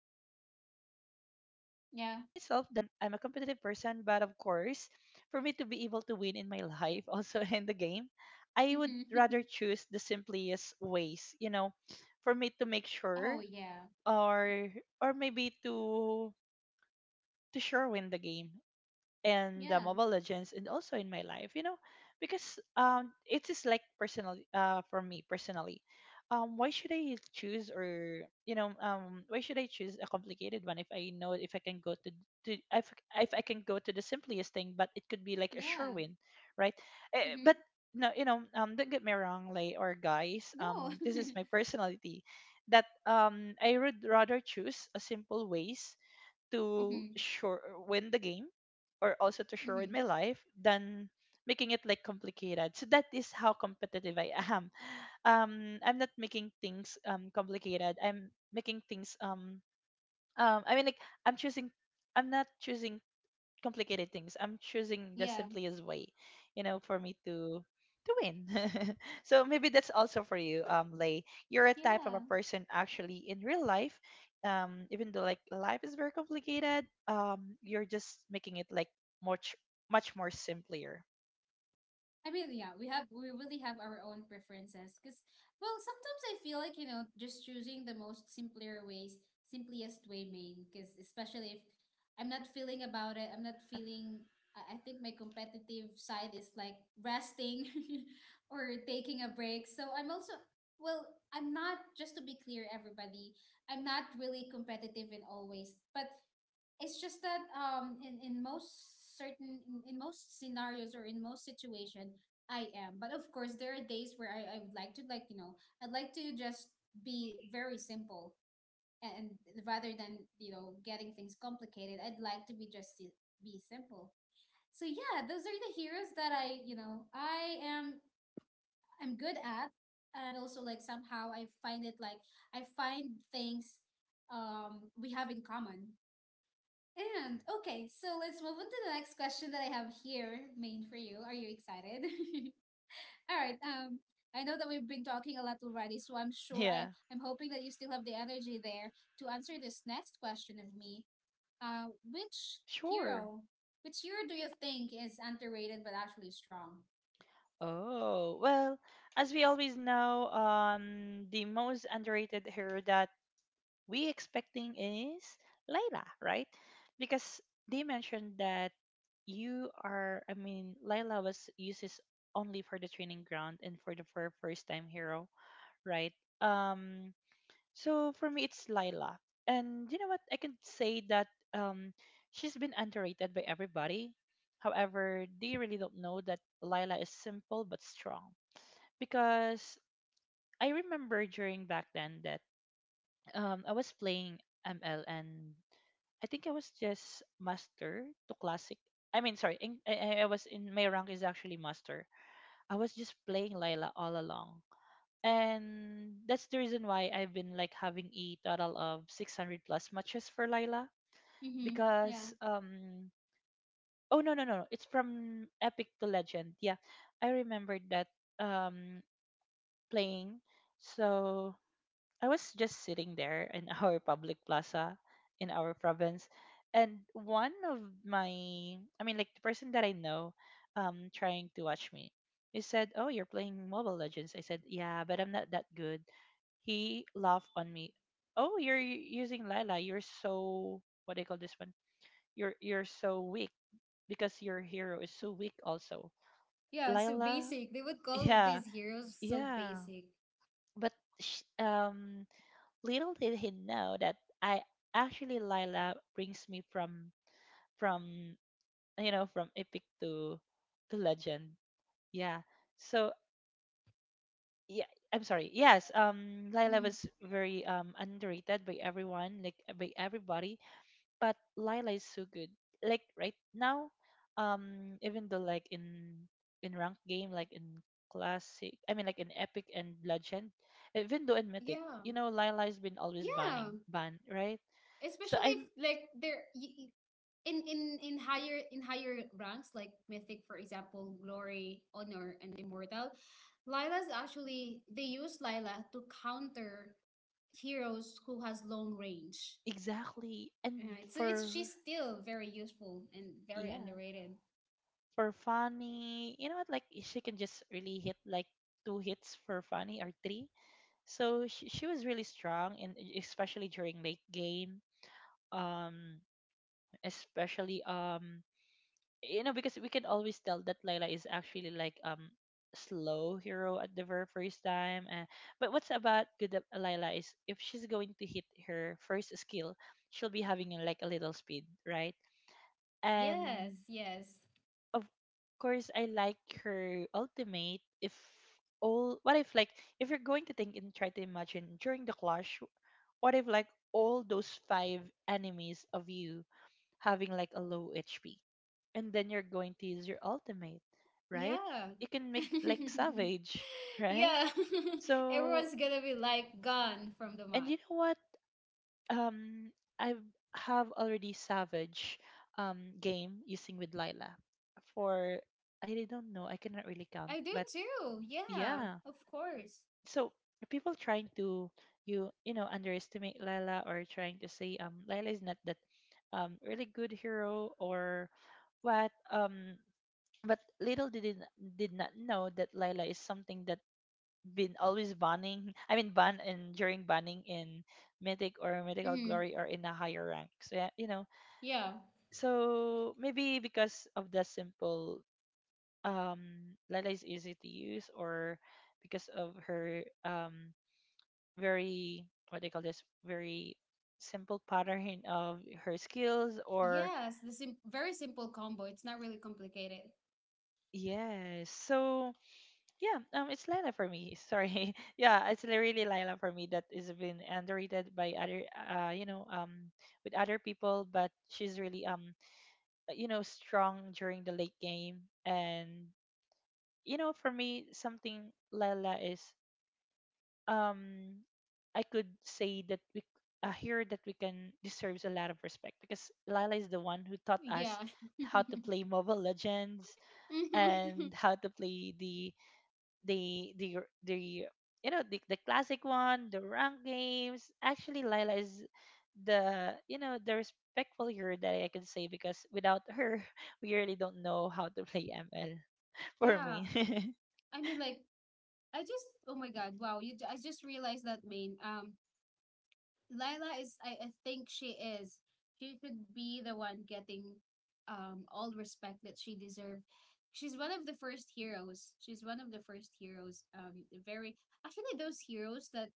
I know to myself that Yeah. I'm a competitive person, but of course, for me to be able to win in my life, also in the game, I would Mm-hmm. rather choose the simplest ways. You know, for me to make Oh sure, yeah. or or maybe to sure win the game and the Yeah, Mobile Legends and also in my life, you know, because it is like personal for me personally. Why should I choose or you know why should I choose a complicated one if I know if I can go to if I can go to the simplest thing but it could be like a yeah. sure win, right? Eh, Mm-hmm. but no, you know, don't get me wrong, like or guys, No. This is my personality that I would rather choose a simple ways to Mm-hmm. sure win the game or also to share in Mm-hmm. my life than making it like complicated. So that is how competitive I am. I'm not making things complicated. I'm making things um. I mean, like I'm choosing. I'm not choosing complicated things. I'm choosing the Yeah. simplest way, for me to win. So maybe that's also for you, Lay. You're a type of a Yeah. person actually in real life. Even though like life is very complicated, you're just making it like much more simpler. I mean, yeah, we have we really have our own preferences, because, well, sometimes I feel like, you know, just choosing the most simpler ways, simplest way, Mm. main, because especially if I'm not feeling about it, Yeah. I'm not feeling, I think my competitive side is like resting or taking a break. So I'm also, well, I'm not, just to be clear, everybody, I'm not really competitive in all ways, but it's just that in most certain, in most scenarios or in most situation I am. But of course, there are days where I would like to, like, you know, I'd like to just be very simple and, rather than, you know, getting things complicated, I'd like to be just be simple. So yeah, those are the heroes that I you know I am I'm good at. And also, like, somehow I find it like I find things we have in common. And okay, so let's move on to the next question that I have here, main, for you. Are you excited? All right. I know that we've been talking a lot already, so I'm sure Yeah. I'm hoping that you still have the energy there to answer this next question of me. Which Sure. hero, which hero do you think is underrated but actually strong? Oh, well, as we always know, the most underrated hero that we expecting is Layla, right? Because they mentioned that you are, I mean, Layla was uses only for the training ground and for the for first time hero, right? Um, so for me, it's Layla, and you know what? I can say that um, she's been underrated by everybody. However, they really don't know that Layla is simple but strong because I remember during back then that I was playing ML, and I think I was just master to classic. I was in my rank is actually master. I was just playing Layla all along, and that's the reason why I've been like having a total of 600 plus matches for Layla Mm-hmm. Yeah. because oh no, it's from epic to legend. Yeah, I remembered that um playing, so I was just sitting there in our public plaza in our province, and one of my, I mean, like the person that I know, trying to watch me, he said, "Oh, you're playing Mobile Legends." I said, "Yeah, but I'm not that good." He laughed on me. "Oh, you're using Lila. You're so what do you call this one? You're so weak because your hero is so weak also. Yeah, so Lila, basic. They would call yeah, these heroes so yeah. basic. But sh little did he know that I actually Lila brings me from from you know from epic to legend. Yeah. So yeah, I'm sorry. Yes, Lila Mm-hmm. was very underrated by everyone, like by everybody, but Lila is so good. Like right now, even though like in ranked game, like in classic, in epic and legend, even though in mythic, Yeah. you know, Lila's been always banning Yeah, ban, right? So especially if I'm like in in higher, in higher ranks like mythic, for example, glory, honor, and immortal, Lila's actually, they use Lila to counter heroes who has long range, exactly, and right? So it's, for she's still very useful and very yeah, underrated. for Fanny, you know what, like she can just really hit like two hits for Fanny or three. So she was really strong, and especially during late game. Um especially you know, because we can always tell that Layla is actually like slow hero at the very first time, and but what's about good at Layla is if she's going to hit her first skill, she'll be having like a little speed, right? Yes, And yes. of course, I like her ultimate, if all what if like, if you're going to think and try to imagine during the clash, what if like all those five enemies of you having like a low hp, and then you're going to use your ultimate, right? Yeah. You can make like savage, right? Yeah. So, Everyone's gonna be like gone from the and map. you know what, um I have already savage game using with Lila for I don't know, I cannot really count, I do but too, yeah, yeah. of course. So people trying to you know underestimate Lila, or trying to say Lila is not that really good hero or what, but little did did not know that Lila is something that been always banning, I mean ban, and during banning in mythic or mythical Mm, glory or in a higher rank. So yeah, you know. yeah. So maybe because of the simple um Lila is easy to use, or because of her very what they call this very simple pattern of her skills, or Yes, the very simple combo. It's not really complicated. yes. So yeah, it's Lila for me. Sorry. Yeah, it's really Lila for me that is been underrated by other, you know, with other people, but she's really you know, strong during the late game, and you know, for me, something Lila is um, I could say that a hero that we can deserves a lot of respect because Lila is the one who taught us Yeah. how to play Mobile Legends Mhm. and how to play the the the the you know the classic one, the rank games. Actually Lila is the, you know, the respectful hero that I can say, because without her we really don't know how to play ML. For Yeah. me. I mean, like, I just, oh my god, wow. I just realized that, main. Lila is, I think she is. She should be the one getting all respect that she deserved. She's one of the first heroes. She's one of the first heroes. Very, actually, those heroes that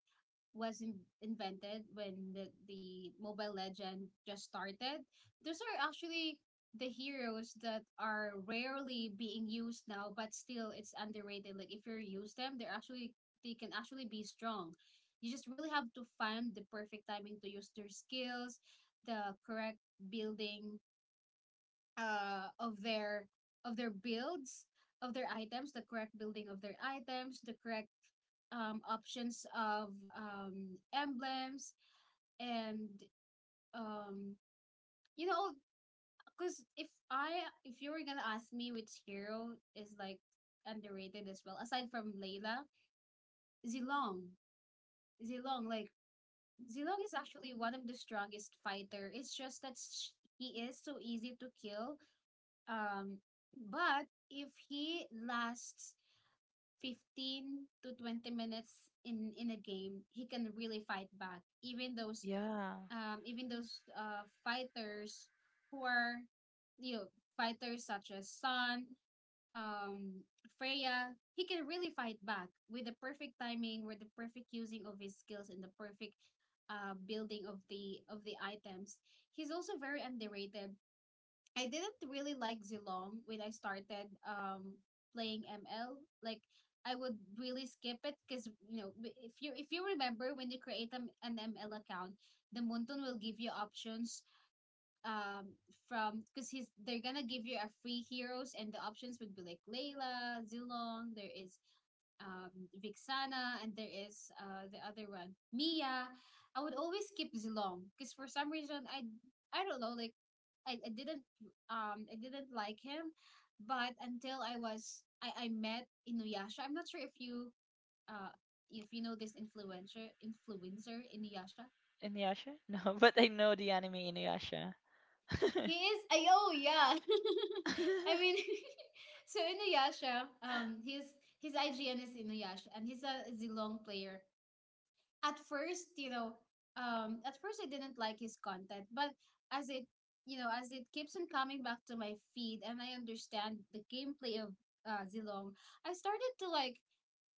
was invented when the Mobile Legend just started, those are actually the heroes that are rarely being used now, but still it's underrated. Like, if you use them, they're actually, they can actually be strong. You just really have to find the perfect timing to use their skills, the correct building uh of their of their builds of their items the correct building of their items, the correct options of emblems, and um you know, because if you were gonna ask me which hero is like underrated as well aside from Layla, Zilong. Zilong like zilong is actually one of the strongest fighter, it's just that he is so easy to kill. Um, but if he lasts 15 to 20 minutes in a game, he can really fight back. Even those Yeah, fighters who are, you know, fighters such as Sun, um Freya, he can really fight back with the perfect timing, with the perfect using of his skills, and the perfect building of the items. He's also very underrated. I didn't really like Zilong when I started playing ML. Like, I would really skip it because, you know, if you, if you remember when you create an ML account, the Muntun will give you options um from because he's they're gonna give you a free heroes, and the options would be like Layla, Zilong. There is Vixana, and there is the other one, Mia. I would always skip Zilong because for some reason I don't know, like, I didn't, I didn't like him. But until I was, I met Inuyasha. I'm not sure uh if you know this influencer Inuyasha. Inuyasha, no. But I know the anime Inuyasha. He is, I, oh yeah. I Mm-hmm. mean, so Inuyasha, his IGN is Inuyasha, and he's a Zilong player. At first, you know, at first I didn't like his content. But as it, you know, as it keeps on coming back to my feed, and I understand the gameplay of Zilong, I started to like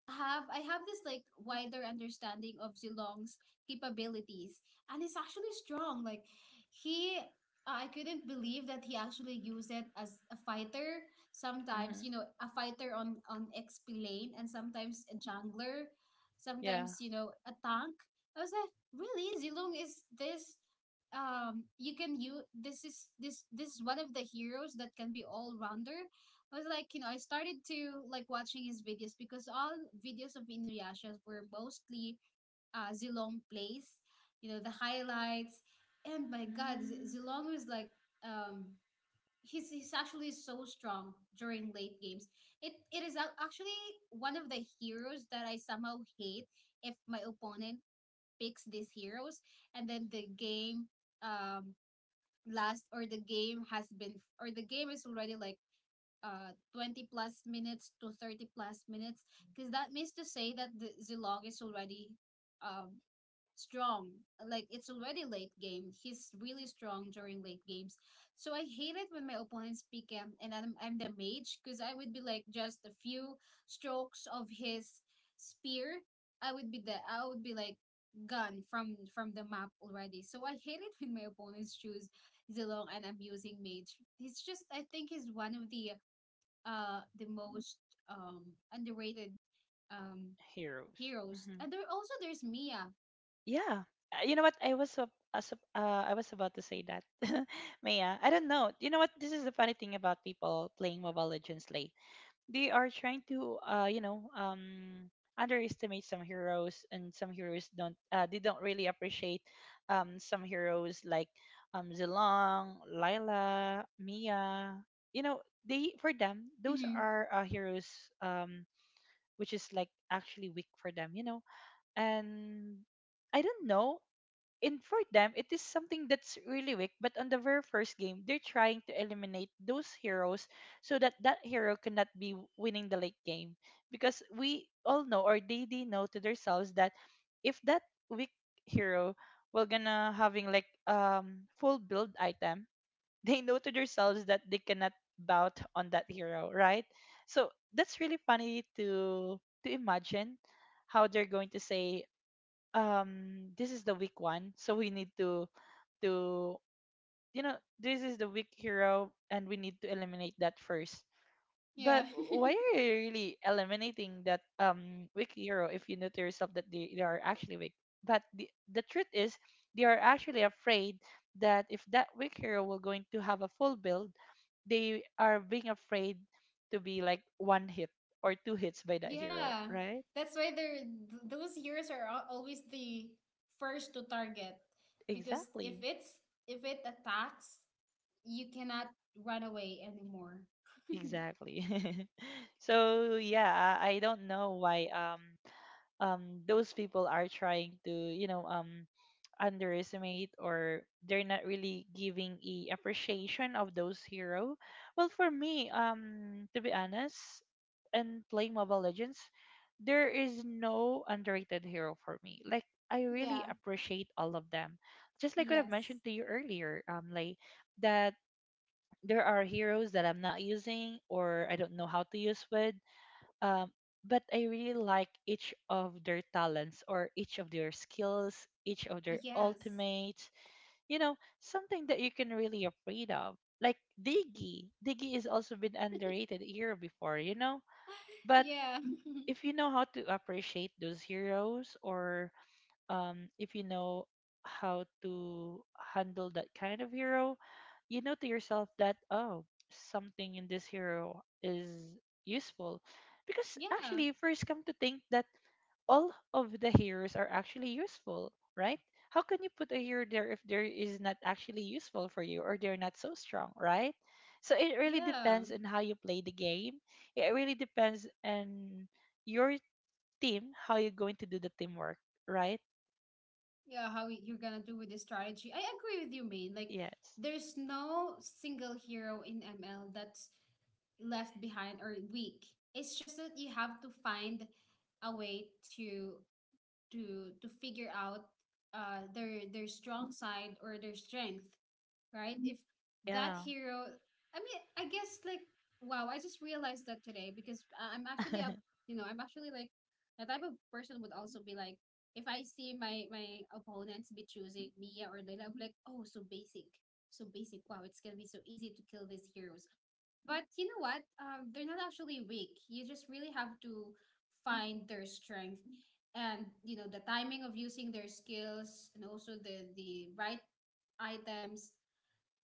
have this like wider understanding of Zilong's capabilities, and it's actually strong. Like, he, I couldn't believe that he actually used it as a fighter. Sometimes, you know, a fighter on XP lane, and sometimes a jungler, Yeah. sometimes, you know, a tank. I was like, really, Zilong is this. You can use, this this is one of the heroes that can be all rounder. I was like, you know, I started to like watching his videos because all videos of Inuyasha were mostly Zilong plays, you know, the highlights. And my god, Mm. Zilong was like, um, he's actually so strong during late games. It is actually one of the heroes that I somehow hate if my opponent picks these heroes, and then the game um last or the game has been or the game is already like 20 plus minutes to 30 plus minutes, because that means to say that the Zilong is already um strong. Like, it's already late game, he's really strong during late games. So I hate it when my opponents pick him and I'm the mage, because I would be like just a few strokes of his spear, I would be like gone from the map already. So I hate it when my opponents choose Zilong and I'm using mage. He's just, I think he's one of the most um underrated um Heroes. heroes. Hmm. And there also there's Mia. Yeah. You know what? I was about to say that. Maya, I don't know. You know what? This is the funny thing about people playing Mobile Legends late. They are trying to you know, underestimate some heroes, and some heroes don't they don't really appreciate some heroes like Zilong, Lila, Mia. You know, they for them those Mm-hmm. are heroes um which is like actually weak for them, you know. And I don't know, and for them it is something that's really weak, but on the very first game they're trying to eliminate those heroes so that that hero cannot be winning the late game, because we all know, or they know to themselves, that if that weak hero will gonna having like full build item, they know to themselves that they cannot bout on that hero, right? So that's really funny to imagine how they're going to say, this is the weak one, so we need to to you know, this is the weak hero and we need to eliminate that first. But Yeah. why are you really eliminating that weak hero if you know to yourself that they are actually weak? But the truth is they are actually afraid that if that weak hero will going to have a full build, they are being afraid to be like one hit or two hits by that hero, Yeah. right? That's why they're, those heroes are always the first to target, because if Exactly. it's, if it attacks, you cannot run away anymore. Exactly. So yeah, I don't know why um those people are trying to, you know, underestimate or they're not really giving a appreciation of those hero. Well, for me, to be honest, and playing Mobile Legends, there is no underrated hero for me. Like I really Yeah. appreciate all of them. Just like what I've Yes. mentioned to you earlier, like that there are heroes that I'm not using or I don't know how to use with. Um, but I really like each of their talents or each of their skills, each of their Yes. ultimates, you know, something that you can really afraid of. Like Diggy. Diggy has also been underrated hero before, you know? But Yeah. if you know how to appreciate those heroes, or if you know how to handle that kind of hero, you know to yourself that, oh, something in this hero is useful. Because Yeah, actually, first come to think that all of the heroes are actually useful, right? How can you put a hero there if there is not actually useful for you, or they're not so strong, right? So it really yeah. depends on how you play the game. It really depends on your team, how you're going to do the teamwork, right? Yeah, how you're gonna do with the strategy. I agree with you, main. Like, Yes. there's no single hero in ML that's left behind or weak. It's just that you have to find a way to to figure out their strong side or their strength, right? If that Yeah. hero, I mean, I guess like, wow, I just realized that today, because I'm actually a, you know, I'm actually like the type of person would also be like, if I see my opponents be choosing Mia or Leila, I'm like, oh, so basic, so basic. Wow, it's gonna be so easy to kill these heroes. But you know what? They're not actually weak. You just really have to find their strength, and you know the timing of using their skills and also the right items.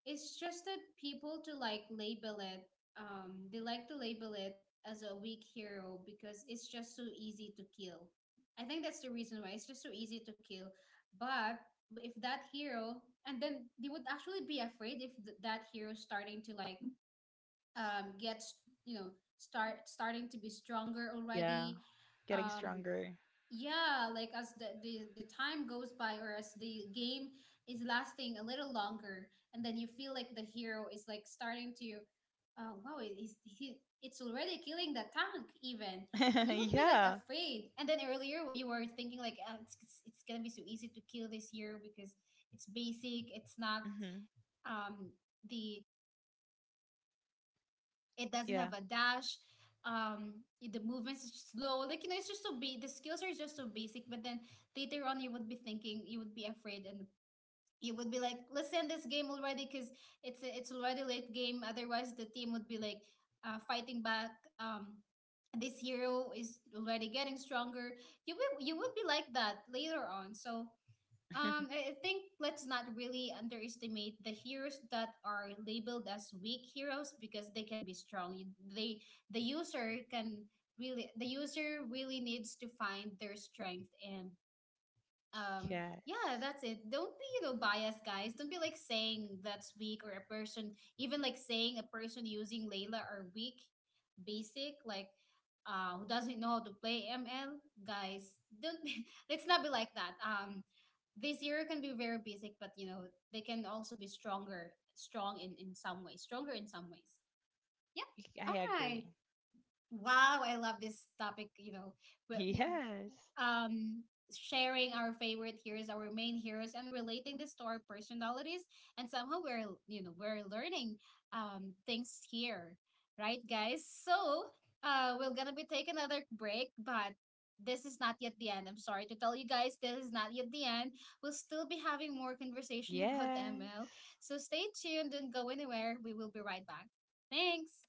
It's just that people to like label it, they like to label it as a weak hero, because it's just so easy to kill. I think that's the reason why it's just so easy to kill. But if that hero, and then they would actually be afraid if that hero starting to like, you know, starting to be stronger Yeah. already. Getting Um, stronger. yeah, like as the time goes by, or as the game is lasting a little longer, and then you feel like the hero is like starting to, oh wow, it is he, it's already killing the tank even, and you would be like Yeah. afraid. And then earlier what you were thinking, like, ah, it's it's gonna be so easy to kill this hero because it's basic, it's not Hmm. um the, it doesn't Yeah. have a dash. The movements is slow. Like, you know, it's just so big, the skills are just so basic. But then later on, you would be thinking, you would be afraid, and you would be like, let's end this game already, because it's already late game. Otherwise, the team would be like, fighting back. Um, this hero is already getting stronger. You would be like that later on. So I think, let's not really underestimate the heroes that are labeled as weak heroes, because they can be strong. They, the user can, really the user really needs to find their strength. And um yeah, Yes. that's it. Don't be, you know, biased, guys. Don't be like saying that's weak, or a person, even like saying a person using Layla are weak, basic, like who doesn't know how to play ML, guys. Don't be, let's not be like that. Um, this year can be very basic, but you know, they can also be strong in some ways, stronger in some ways. Yeah. I All agree. right. Wow, I love this topic, you know? but y- Yes. um, Sharing our favorite heroes, our main heroes, and relating this to our personalities. And somehow we're, you know, we're learning, things here, right, guys? So we're gonna be taking another break, but this is not yet the end. I'm sorry to tell you guys, this is not yet the end. We'll still be having more conversation about the Yes. ML. So stay tuned. Don't go anywhere. We will be right back. Thanks.